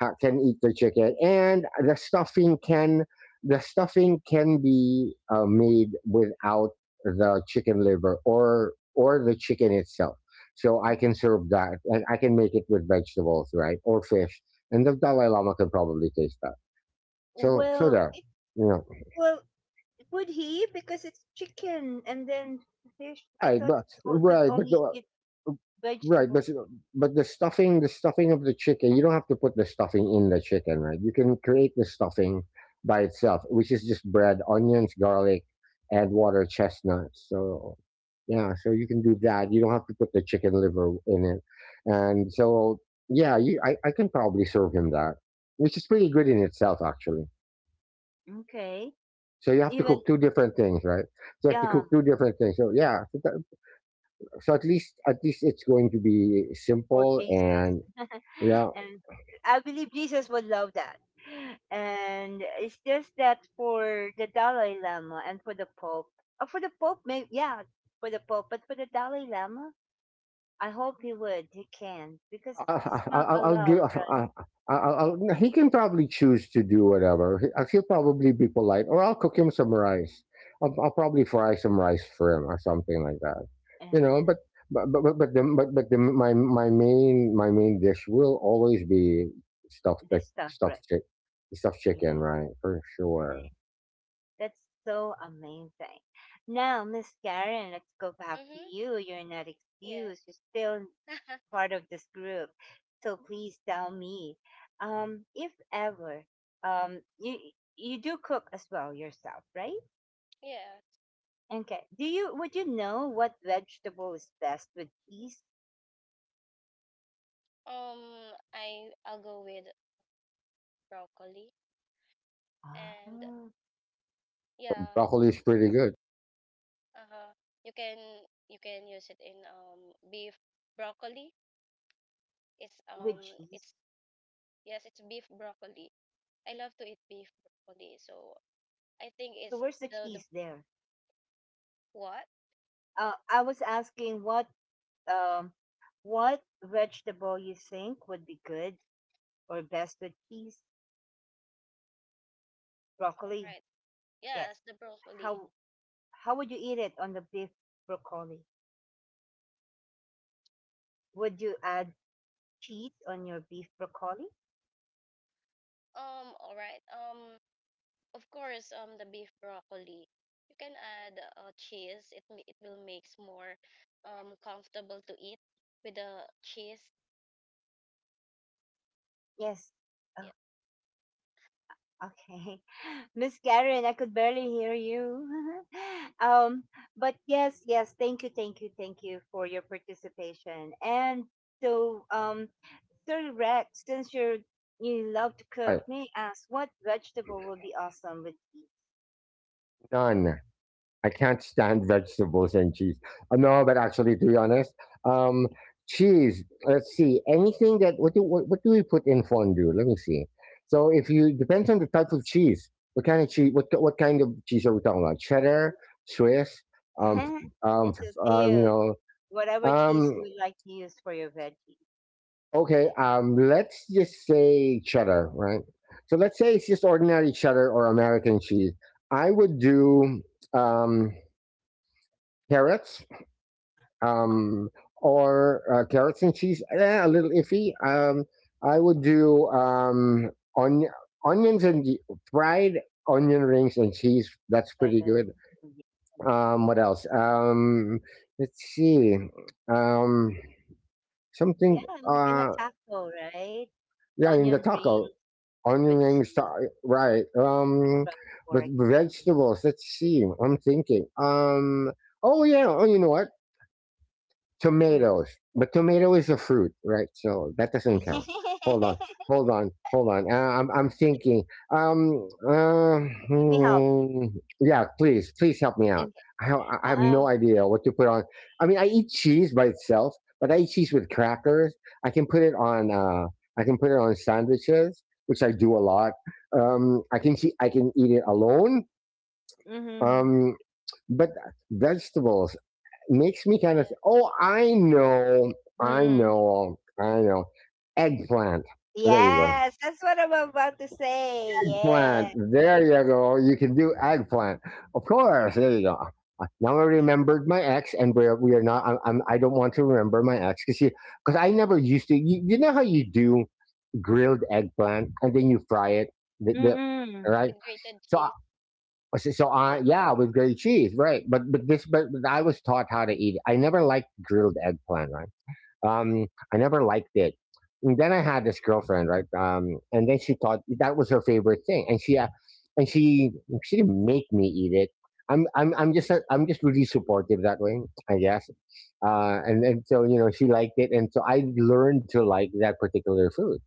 [SPEAKER 2] can eat the chicken, and the stuffing can be made without the chicken liver or the chicken itself. So I
[SPEAKER 1] Mhm.
[SPEAKER 2] can serve that, and I can make it with vegetables, right, or fish, and the Dalai Lama can probably taste that. So
[SPEAKER 1] Well,
[SPEAKER 2] there,
[SPEAKER 1] it
[SPEAKER 2] you know,
[SPEAKER 1] well would he, because it's chicken and then fish. I
[SPEAKER 2] right,
[SPEAKER 1] thought
[SPEAKER 2] but
[SPEAKER 1] it's it could
[SPEAKER 2] right, but
[SPEAKER 1] only
[SPEAKER 2] the,
[SPEAKER 1] eat
[SPEAKER 2] Right, but
[SPEAKER 1] vegetables.
[SPEAKER 2] but the stuffing of the chicken, you don't have to put the stuffing in the chicken, right? You can create the stuffing by itself, which is just bread, onions, garlic, and water, chestnuts. So yeah, so you can do that. You don't have to put the chicken liver in it, and so yeah, you, I can probably serve him that, which is pretty good in itself, actually.
[SPEAKER 1] Okay.
[SPEAKER 2] So you have to
[SPEAKER 1] Even,
[SPEAKER 2] cook two different things, right? So you have to
[SPEAKER 1] yeah,
[SPEAKER 2] cook two different things. So yeah, so at least it's going to be
[SPEAKER 1] for
[SPEAKER 2] simple.
[SPEAKER 1] Jesus.
[SPEAKER 2] And yeah.
[SPEAKER 1] And I believe Jesus would love that. And it's just that for the Dalai Lama and for the Pope, or for the Pope, maybe, yeah, for the Pope, but for the Dalai Lama, I hope he would, he can, because
[SPEAKER 2] I,
[SPEAKER 1] he's
[SPEAKER 2] I,
[SPEAKER 1] not
[SPEAKER 2] I- I'll give.
[SPEAKER 1] allowed, right?
[SPEAKER 2] No, he can probably choose to do whatever. He'll probably be polite, or I'll cook him some rice. I'll probably fry some rice for him or something like that. You know,
[SPEAKER 1] And
[SPEAKER 2] but the, but the, my main dish will always be stuffed
[SPEAKER 1] the
[SPEAKER 2] like
[SPEAKER 1] stuff,
[SPEAKER 2] stuffed
[SPEAKER 1] right?
[SPEAKER 2] chick stuffed chicken,
[SPEAKER 1] Yeah,
[SPEAKER 2] right? For sure.
[SPEAKER 1] right? That's so amazing. Now, Miss Karen, let's go back to
[SPEAKER 3] Mhm.
[SPEAKER 1] you. You're not
[SPEAKER 3] Yeah.
[SPEAKER 1] excused. You're still
[SPEAKER 3] [LAUGHS]
[SPEAKER 1] part of this group. So please tell me, if ever, um, you you do cook as well yourself, right?
[SPEAKER 3] Yeah.
[SPEAKER 1] Okay. Do you would you know what vegetable is best with cheese?
[SPEAKER 3] I'll go with broccoli
[SPEAKER 1] Ah,
[SPEAKER 3] and yeah,
[SPEAKER 2] Broccoli is pretty good.
[SPEAKER 3] uh-huh. You can you can use it in beef broccoli. It's um
[SPEAKER 1] with cheese.
[SPEAKER 3] it's, yes, it's beef broccoli. I love to eat beef broccoli. So I think
[SPEAKER 1] So
[SPEAKER 3] it's
[SPEAKER 1] where's the
[SPEAKER 3] the
[SPEAKER 1] cheese there?
[SPEAKER 3] what?
[SPEAKER 1] I was asking what, um, what vegetable you think would be good or best with cheese? Broccoli.
[SPEAKER 3] Right.
[SPEAKER 1] Yes.
[SPEAKER 3] Yes, the broccoli.
[SPEAKER 1] How how would you eat it on the beef broccoli? Would you add cheese on your beef broccoli?
[SPEAKER 3] All right. Of course, the beef broccoli. You can add cheese. It will makes more comfortable to eat with the cheese.
[SPEAKER 1] Yes.
[SPEAKER 3] Yeah,
[SPEAKER 1] Oh, okay. [LAUGHS] Miss Karen, I could barely hear you. [LAUGHS] Um, but yes, yes, thank you, thank you, thank you for your participation. And so, Sir Rex, since you're you love to
[SPEAKER 2] All
[SPEAKER 1] cook,
[SPEAKER 2] right,
[SPEAKER 1] may I ask what vegetable would be awesome with cheese?
[SPEAKER 2] done. I can't stand vegetables and cheese. No, but actually, to be honest, um, cheese. Let's see. Anything that what do we put in fondue? Let me see. So if you depends on the type of cheese. What kind of cheese? What kind of cheese are we talking about? Cheddar, Swiss. um,
[SPEAKER 1] [LAUGHS]
[SPEAKER 2] um,
[SPEAKER 1] It's up to
[SPEAKER 2] uh,
[SPEAKER 1] you.
[SPEAKER 2] you know,
[SPEAKER 1] Whatever cheese you
[SPEAKER 2] um.
[SPEAKER 1] would like to use for your veggies.
[SPEAKER 2] Okay. Let's just say cheddar, right? So let's say it's just ordinary cheddar or American cheese. I would do um, carrots
[SPEAKER 1] Oh,
[SPEAKER 2] um, or carrots and cheese. Eh, a little iffy. I would do on, onions and fried onion rings and cheese. That's pretty
[SPEAKER 1] uh,
[SPEAKER 2] good. What else? Let's see. Um,
[SPEAKER 1] yeah,
[SPEAKER 2] Something.
[SPEAKER 1] like in a
[SPEAKER 2] Uh,
[SPEAKER 1] taco, right?
[SPEAKER 2] yeah, in the
[SPEAKER 1] Onion ring,
[SPEAKER 2] taco,
[SPEAKER 1] with
[SPEAKER 2] onion rings.
[SPEAKER 1] cheese,
[SPEAKER 2] Right.
[SPEAKER 1] but
[SPEAKER 2] But
[SPEAKER 1] pork.
[SPEAKER 2] vegetables. Let's see. I'm thinking. Oh yeah. Oh, you know what?
[SPEAKER 1] Mm.
[SPEAKER 2] Tomatoes, but tomato is a fruit, right? So that doesn't count. Hold
[SPEAKER 1] [LAUGHS]
[SPEAKER 2] on, hold on, hold on. I'm thinking. Um, uh,
[SPEAKER 1] Let me help.
[SPEAKER 2] hmm, yeah, please, please help me out.
[SPEAKER 1] Okay.
[SPEAKER 2] I have no
[SPEAKER 1] Um.
[SPEAKER 2] idea what to put on. I mean, I eat cheese by itself, but I eat cheese with crackers. I can put it on. I can put it on sandwiches, which I do a lot. I can see. I can eat it alone.
[SPEAKER 1] Mm-hmm.
[SPEAKER 2] Um, but vegetables. Makes me
[SPEAKER 3] yeah,
[SPEAKER 2] kinda s oh, I know, I
[SPEAKER 1] Mm-hmm.
[SPEAKER 2] know, I know. Eggplant. There you go.
[SPEAKER 1] Yes, that's what I'm about to say.
[SPEAKER 2] Eggplant,
[SPEAKER 1] Yeah.
[SPEAKER 2] there you go. You can do eggplant. Of course, there you go. Now I
[SPEAKER 1] Yeah.
[SPEAKER 2] remembered my ex, and we're we are not I'm I'm I don't want to remember my ex, because I never used to. You know how you do grilled eggplant and then you fry it? The
[SPEAKER 1] Mm-mm.
[SPEAKER 2] Right?
[SPEAKER 3] with grated
[SPEAKER 2] So
[SPEAKER 3] cheese.
[SPEAKER 1] Yeah.
[SPEAKER 2] I, yeah, with grilled cheese, right. But this but I was taught how to eat it. I never liked grilled eggplant, right? Um, I never liked it. And then I had this girlfriend, right? And then she thought that was her favorite thing, and and she, she didn't make me eat it. I'm just really supportive that way, I guess. And so you know, she liked it, and so I learned to like that particular food,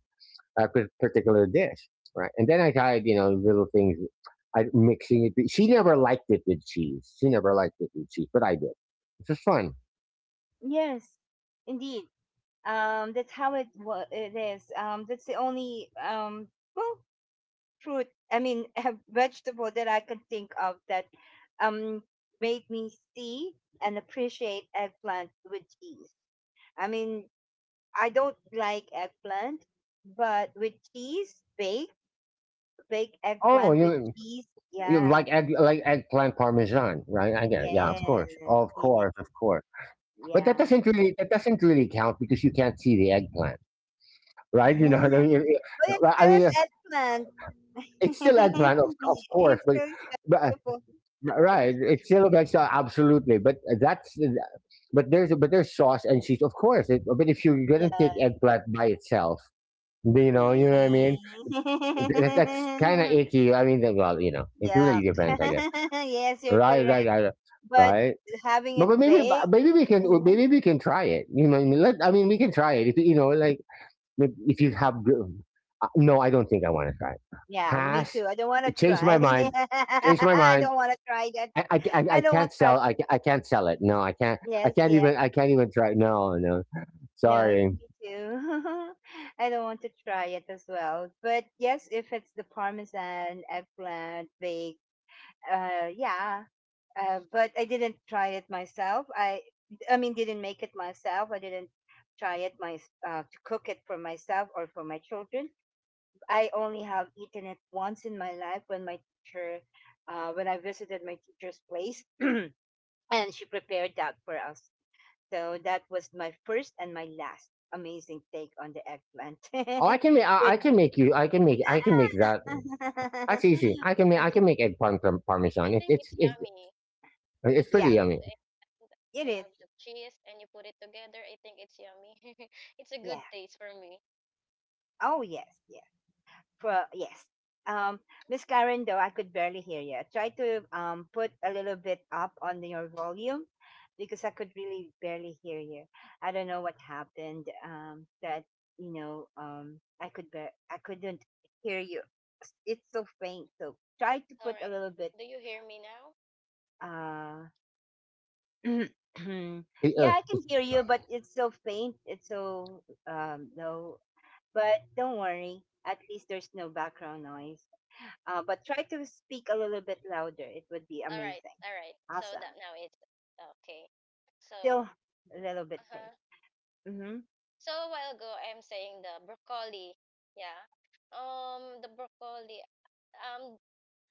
[SPEAKER 2] particular dish, right? And then I tried, you know, little things, I mixing it. She never liked it with cheese. She never liked it with cheese, but I did. It's just fun.
[SPEAKER 1] Yes. Indeed. That's how it is. That's the only, um, well, fruit. I mean, [LAUGHS] vegetable that I can think of that, um, made me see and appreciate eggplant with cheese. I mean, I don't like eggplant, but with cheese, baked, baked
[SPEAKER 2] Oh,
[SPEAKER 1] eggplant with
[SPEAKER 2] you
[SPEAKER 1] cheese.
[SPEAKER 2] You
[SPEAKER 1] Yeah.
[SPEAKER 2] like eggplant parmesan, right? I get it. Yeah, of
[SPEAKER 1] Yes.
[SPEAKER 2] course, of
[SPEAKER 1] Yes.
[SPEAKER 2] course, of course. But that
[SPEAKER 1] Yeah.
[SPEAKER 2] doesn't really that doesn't really count, because you can't see the eggplant,
[SPEAKER 1] [LAUGHS] But
[SPEAKER 2] right? You know what I mean.
[SPEAKER 1] it's
[SPEAKER 2] I
[SPEAKER 1] still is
[SPEAKER 2] mean,
[SPEAKER 1] eggplant. [LAUGHS]
[SPEAKER 2] it's still eggplant, of course,
[SPEAKER 1] It's
[SPEAKER 2] but
[SPEAKER 1] still is
[SPEAKER 2] but
[SPEAKER 1] vegetable.
[SPEAKER 2] right, it's still eggplant, absolutely. But there's sauce and cheese, of course. But if you're
[SPEAKER 1] Yeah.
[SPEAKER 2] gonna take eggplant by itself. You know what I mean. That's kind of
[SPEAKER 1] [LAUGHS]
[SPEAKER 2] icky. I mean, well, you know, it
[SPEAKER 1] Yeah.
[SPEAKER 2] really depends, I guess.
[SPEAKER 1] [LAUGHS] Yes, you're
[SPEAKER 2] Right, right,
[SPEAKER 1] correct.
[SPEAKER 2] right,
[SPEAKER 1] But
[SPEAKER 2] right.
[SPEAKER 1] having
[SPEAKER 2] But, but
[SPEAKER 1] it
[SPEAKER 2] maybe
[SPEAKER 1] baked.
[SPEAKER 2] but maybe we can uh,
[SPEAKER 1] Uh-huh.
[SPEAKER 2] maybe we can try it. You know what I mean, let I mean we can try it. If you know, like if you have, no, I don't think I want to try it.
[SPEAKER 1] Yeah, me
[SPEAKER 2] Pass.
[SPEAKER 1] too. I don't want to
[SPEAKER 2] Change my
[SPEAKER 1] try. [LAUGHS]
[SPEAKER 2] mind. Change my
[SPEAKER 1] I
[SPEAKER 2] mind.
[SPEAKER 1] don't want to try that.
[SPEAKER 2] I
[SPEAKER 1] I don't want
[SPEAKER 2] can't
[SPEAKER 1] to try.
[SPEAKER 2] sell. I can't sell it. No, I can't. I
[SPEAKER 1] Yes,
[SPEAKER 2] can't
[SPEAKER 1] yes.
[SPEAKER 2] even. I can't even try. No, no.
[SPEAKER 1] No,
[SPEAKER 2] Sorry.
[SPEAKER 1] me too. [LAUGHS] I don't want to try it as well. But yes, if it's the parmesan, eggplant, baked, yeah. But I didn't try it myself. I mean, didn't make it myself. I didn't try it my, to cook it for myself or for my children. I only have eaten it once in my life when my teacher, when I visited my teacher's place, [CLEARS THROAT] and she prepared that for us. So that was my first and my last amazing take on the eggplant.
[SPEAKER 2] Oh, I
[SPEAKER 1] [LAUGHS]
[SPEAKER 2] can make. I,
[SPEAKER 1] Which,
[SPEAKER 2] I can make you. I can make. I can make that. That's easy.
[SPEAKER 1] [LAUGHS]
[SPEAKER 2] I can make. I can make
[SPEAKER 3] I
[SPEAKER 2] parmesan. It,
[SPEAKER 3] think it's
[SPEAKER 2] it's it's
[SPEAKER 3] yummy because
[SPEAKER 2] it's
[SPEAKER 3] I
[SPEAKER 1] yeah,
[SPEAKER 2] pretty
[SPEAKER 3] love the
[SPEAKER 2] yummy.
[SPEAKER 3] egg
[SPEAKER 1] it
[SPEAKER 3] and I love
[SPEAKER 1] is.
[SPEAKER 3] the cheese, and you put it together. I think it's yummy. [LAUGHS] It's a good
[SPEAKER 1] Yeah.
[SPEAKER 3] taste for me.
[SPEAKER 1] Oh yes. Yes. Pro, yes. Um, Miss Karen, though, I could barely hear you. Try to, put a little bit up on your volume, because I could really barely hear you. I don't know what happened. That, you know, I could I couldn't hear you. It's so faint. So try to
[SPEAKER 3] All
[SPEAKER 1] put
[SPEAKER 3] right.
[SPEAKER 1] a little bit.
[SPEAKER 3] Do you hear me now?
[SPEAKER 1] Uh, [CLEARS THROAT]
[SPEAKER 2] It, uh,
[SPEAKER 1] yeah, I can hear you, but it's so faint. It's so, low. But don't worry. At least there's no background noise. But try to speak a little bit louder. It would be
[SPEAKER 3] All right.
[SPEAKER 1] amazing.
[SPEAKER 3] All right. So that
[SPEAKER 1] Awesome.
[SPEAKER 3] now it's okay. So,
[SPEAKER 1] Still a little bit
[SPEAKER 3] uh-huh.
[SPEAKER 1] faint. Mm-hmm.
[SPEAKER 3] So a while ago, I'm saying the broccoli. Yeah. The broccoli. Um,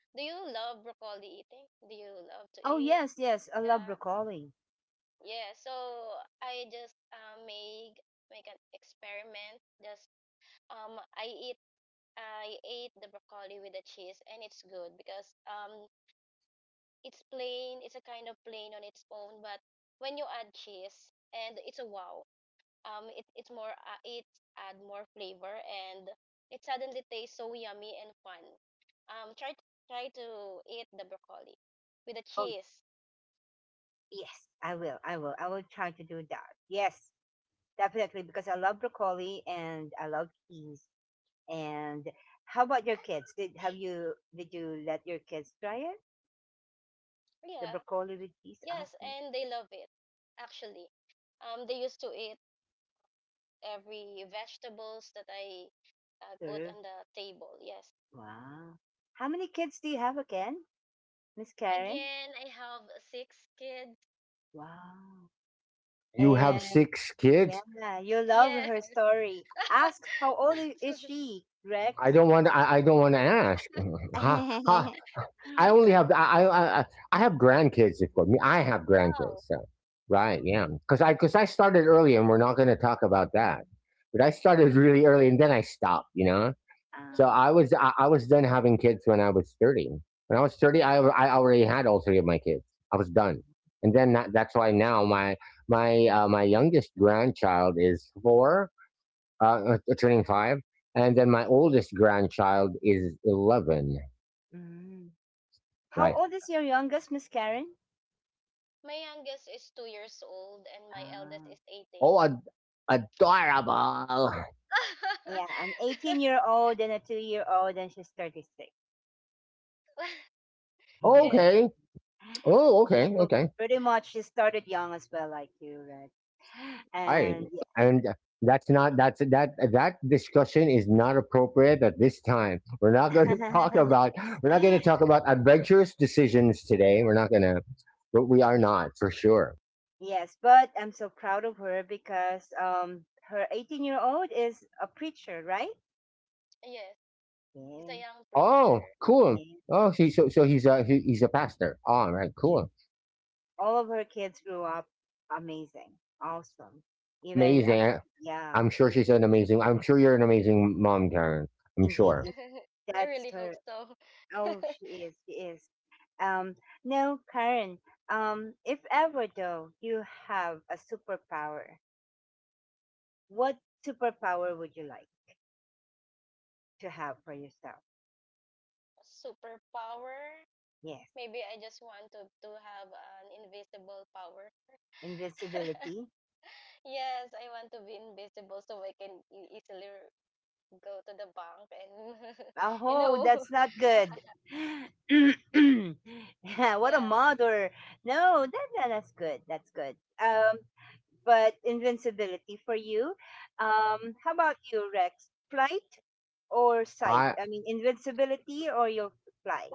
[SPEAKER 3] do you love broccoli eating? Do you love to
[SPEAKER 1] Oh,
[SPEAKER 3] eat?
[SPEAKER 1] yes, yes. I
[SPEAKER 3] Yeah.
[SPEAKER 1] love recalling.
[SPEAKER 3] Yeah. So I just make an experiment. Just um, I eat I ate the broccoli with the cheese, and it's good because it's plain. It's a kind of plain on its own, but when you add cheese, and it's a wow. It add more flavor and it suddenly tastes so yummy and fun. Um try to, try to eat the broccoli with the
[SPEAKER 1] Oh,
[SPEAKER 3] cheese.
[SPEAKER 1] yes. I will. I will. I will try to do that. Yes, definitely. Because I love broccoli and I love cheese. And how about your kids? Did have you did you let your kids try it? The
[SPEAKER 3] Yeah.
[SPEAKER 1] broccoli with cheese,
[SPEAKER 3] Yes,
[SPEAKER 1] awesome.
[SPEAKER 3] and they love it actually. They used to eat every vegetables that I put on
[SPEAKER 1] Serve.
[SPEAKER 3] the table. Yes.
[SPEAKER 1] Wow. How many kids do you have again, Miss Karen?
[SPEAKER 3] Again, I have six kids.
[SPEAKER 1] Wow.
[SPEAKER 2] you have
[SPEAKER 1] And,
[SPEAKER 2] six kids.
[SPEAKER 1] yeah, you love
[SPEAKER 3] Yeah.
[SPEAKER 1] her story. Ask how old is
[SPEAKER 3] [LAUGHS]
[SPEAKER 1] she,
[SPEAKER 2] I
[SPEAKER 1] Greg?
[SPEAKER 2] don't want. I don't want to ask. [LAUGHS] ha, ha.
[SPEAKER 1] [LAUGHS]
[SPEAKER 2] I only have. I I I have grandkids. For me, I have
[SPEAKER 3] Wow.
[SPEAKER 2] grandkids. So, right? Yeah. Because I started early, and we're not going to talk about that. But I started
[SPEAKER 3] [LAUGHS]
[SPEAKER 2] really early, and then I stopped. You know.
[SPEAKER 1] Ah.
[SPEAKER 2] I was done having kids when I was 30. When I was 30, I already had all three of my kids. I was done. And then that's why now my youngest grandchild is four, turning five, and then my oldest grandchild is 11.
[SPEAKER 1] Mm.
[SPEAKER 3] Mhm.
[SPEAKER 1] How
[SPEAKER 2] Right.
[SPEAKER 1] old is your youngest, Miss Karen?
[SPEAKER 3] My youngest is 2 years old and my eldest
[SPEAKER 1] Ah.
[SPEAKER 3] is 18.
[SPEAKER 2] Oh, adorable.
[SPEAKER 1] Yeah, an
[SPEAKER 3] [LAUGHS]
[SPEAKER 1] 18-year-old and a 2-year-old, and she's 36.
[SPEAKER 3] Yes,
[SPEAKER 1] [LAUGHS]
[SPEAKER 2] Okay. Oh, okay.
[SPEAKER 1] So
[SPEAKER 2] Okay.
[SPEAKER 1] pretty much she started young as well, like you, right?
[SPEAKER 2] Right.
[SPEAKER 1] And
[SPEAKER 2] And that discussion is not appropriate at this time. We're not going to [LAUGHS] talk about
[SPEAKER 1] [LAUGHS]
[SPEAKER 2] we're not going to talk about adventurous decisions today. We're not going to, but we are not for sure.
[SPEAKER 1] yes, but I'm so proud of her because, um, her 18-year-old is a preacher, right?
[SPEAKER 3] yes. He's a
[SPEAKER 1] Yeah,
[SPEAKER 3] young
[SPEAKER 2] Oh,
[SPEAKER 3] preacher.
[SPEAKER 2] cool.
[SPEAKER 1] yeah,
[SPEAKER 2] Oh, see, so he's a pastor. All right,
[SPEAKER 1] yeah.
[SPEAKER 2] cool,
[SPEAKER 1] All of her kids grew up amazing, awesome.
[SPEAKER 3] Yeah.
[SPEAKER 1] Even,
[SPEAKER 2] amazing.
[SPEAKER 1] yeah,
[SPEAKER 2] I'm sure she's
[SPEAKER 1] even-.
[SPEAKER 2] an amazing. I'm sure you're an amazing mom, Karen. I'm
[SPEAKER 1] Indeed,
[SPEAKER 2] sure.
[SPEAKER 1] indeed,
[SPEAKER 3] [LAUGHS] I really
[SPEAKER 1] that's
[SPEAKER 3] hope
[SPEAKER 1] her.
[SPEAKER 3] so.
[SPEAKER 1] Oh,
[SPEAKER 3] [LAUGHS]
[SPEAKER 1] she is, she is. Um, no, Karen, if ever though you have a superpower, what superpower would you like to have for yourself?
[SPEAKER 3] Superpower?
[SPEAKER 1] Yes,
[SPEAKER 3] Maybe I just want to have an invisible power.
[SPEAKER 1] invincibility.
[SPEAKER 3] Yes, I want to be invisible so I can easily go to the bank and, [LAUGHS] you know,
[SPEAKER 1] Oh, that's not good. [CLEARS THROAT]
[SPEAKER 3] [LAUGHS]
[SPEAKER 1] Yeah,
[SPEAKER 3] yeah.
[SPEAKER 1] what a mother. No, that, that that's good. That's good. Um, but invincibility for you. How about you, Rex? Flight or sight?
[SPEAKER 2] I
[SPEAKER 1] I mean, invincibility or you'll fly?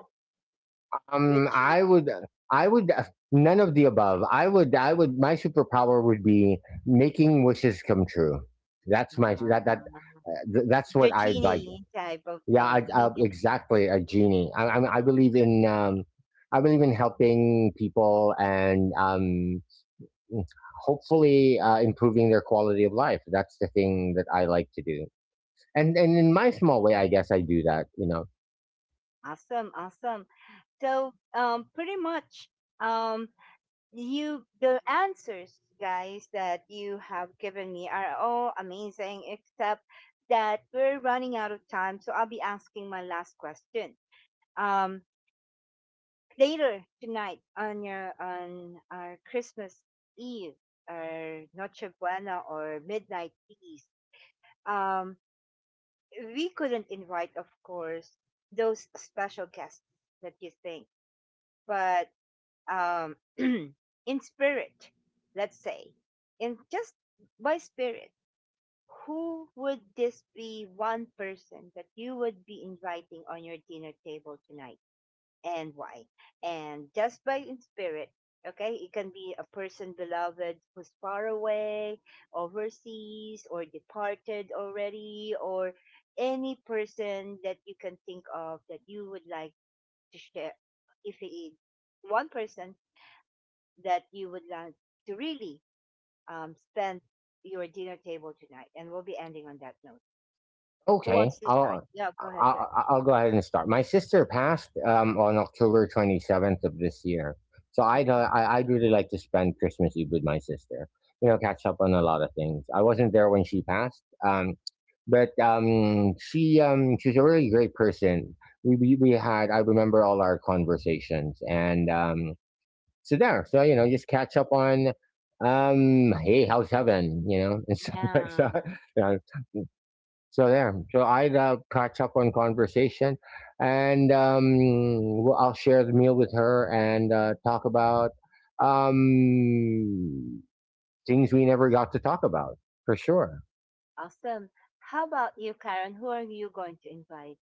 [SPEAKER 2] um
[SPEAKER 1] Which
[SPEAKER 2] I would I would None of the above. I would My superpower would be making wishes come true. That's my
[SPEAKER 1] Ah,
[SPEAKER 2] that that th- That's what
[SPEAKER 1] the
[SPEAKER 2] I'd like.
[SPEAKER 1] genie type of
[SPEAKER 2] Yeah,
[SPEAKER 1] thing.
[SPEAKER 2] I
[SPEAKER 1] [LAUGHS]
[SPEAKER 2] exactly a genie. I believe in helping people, and hopefully improving their quality of life. That's the thing that I like to do. And in my small way, I guess I do that. You know.
[SPEAKER 1] Awesome, awesome. So, pretty much, um, you the answers, guys, that you have given me are all amazing, except that we're running out of time, so I'll be asking my last question. Um, later tonight on your on our Christmas Eve or Noche Buena or midnight feast, um, we couldn't invite, of course, those special guests that you think, but, [CLEARS THROAT] in spirit, let's say, in just by spirit, who would this be, one person that you would be inviting on your dinner table tonight, and why? And just by in spirit, okay, it can be a person beloved who's far away, overseas, or departed already, or any person that you can think of that you would like to share, if it one person that you would like to really, spend your dinner table tonight. And we'll be ending on that note. Who
[SPEAKER 2] Okay,
[SPEAKER 1] wants to start?
[SPEAKER 2] I'll
[SPEAKER 1] Yeah, go ahead, Vic.
[SPEAKER 2] I'll, I'll go ahead and start. My sister passed on October 27th of this year, so
[SPEAKER 1] Mhm.
[SPEAKER 2] I'd really like to spend Christmas Eve with my sister. You know, catch up on a lot of things. I wasn't there when she passed, but she she's a really great person. We had I remember all our conversations and so there, so you know, just catch up on, hey, how's heaven, you know, and stuff [LAUGHS] like
[SPEAKER 1] Yeah,
[SPEAKER 2] that. You know, so there, so I'd catch up on conversation, and well, I'll share the meal with her and talk about um things we never got to talk about for sure.
[SPEAKER 1] awesome. How about you, Karen? Who are you going to invite?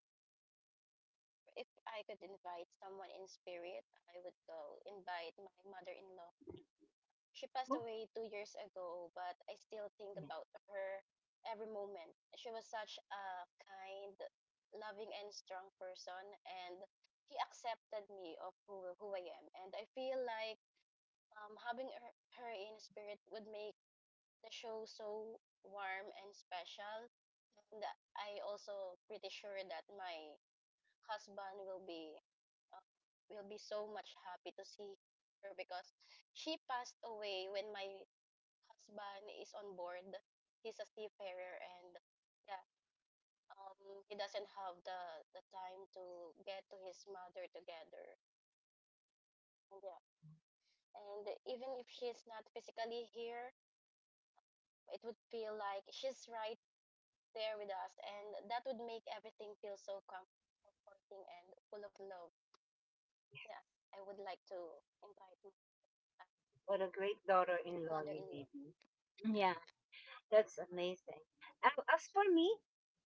[SPEAKER 3] If I could invite someone in spirit, I would go invite my mother in law. She passed
[SPEAKER 1] Oh,
[SPEAKER 3] away 2 years ago, but I still think
[SPEAKER 1] yeah.
[SPEAKER 3] about her every moment. She was such a kind, loving, and strong person, and he accepted me of who I am. And I feel like having her in spirit would make the show so warm and special. And I also pretty sure that my husband um, will be so much happy to see her because she passed away when my husband is on board. He's a seafarer and yeah, um, he doesn't have the time to get to his mother together. And yeah, and even if she's not physically here, it would feel like she's right there with us, and that would make everything feel so comforting and full of love. Yeah, I would like to invite my
[SPEAKER 1] What a great daughter in law you
[SPEAKER 3] mother-in-law.
[SPEAKER 1] may be. Yeah, that's amazing. As for me,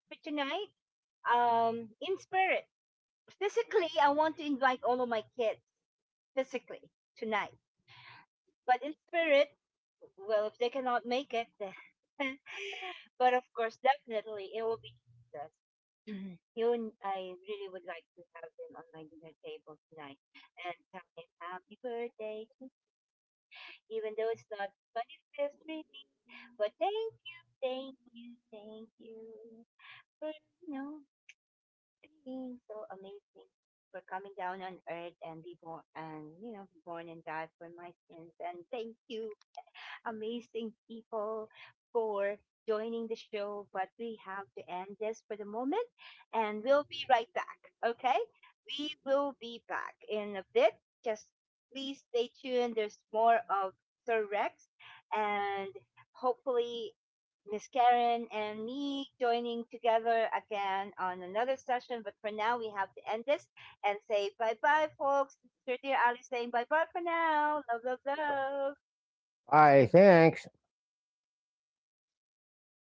[SPEAKER 1] for tonight, in spirit, physically, I want to invite all of my kids physically tonight. But in spirit, well, if they cannot make it, then- [LAUGHS] but of course, definitely it will be Jesus. [CLEARS THROAT] Mhm. He would, I really would like to have him on my dinner table tonight and tell him happy birthday, even though it's not 25th really. But thank you, thank you, thank you for, you know, being so amazing, for coming down on earth and be born and, you know, be born and die for my sins. And thank you amazing people for joining the show, but we have to end this for the moment, and we'll be right back. Okay? We will be back in a bit. Just please stay tuned. There's more of Sir Rex and hopefully Miss Karen and me joining together again on another session. But for now, we have to end this and say bye bye, folks. Sir, dear Ali saying bye bye for now. Love, love, love.
[SPEAKER 2] All right, thanks.
[SPEAKER 3] I think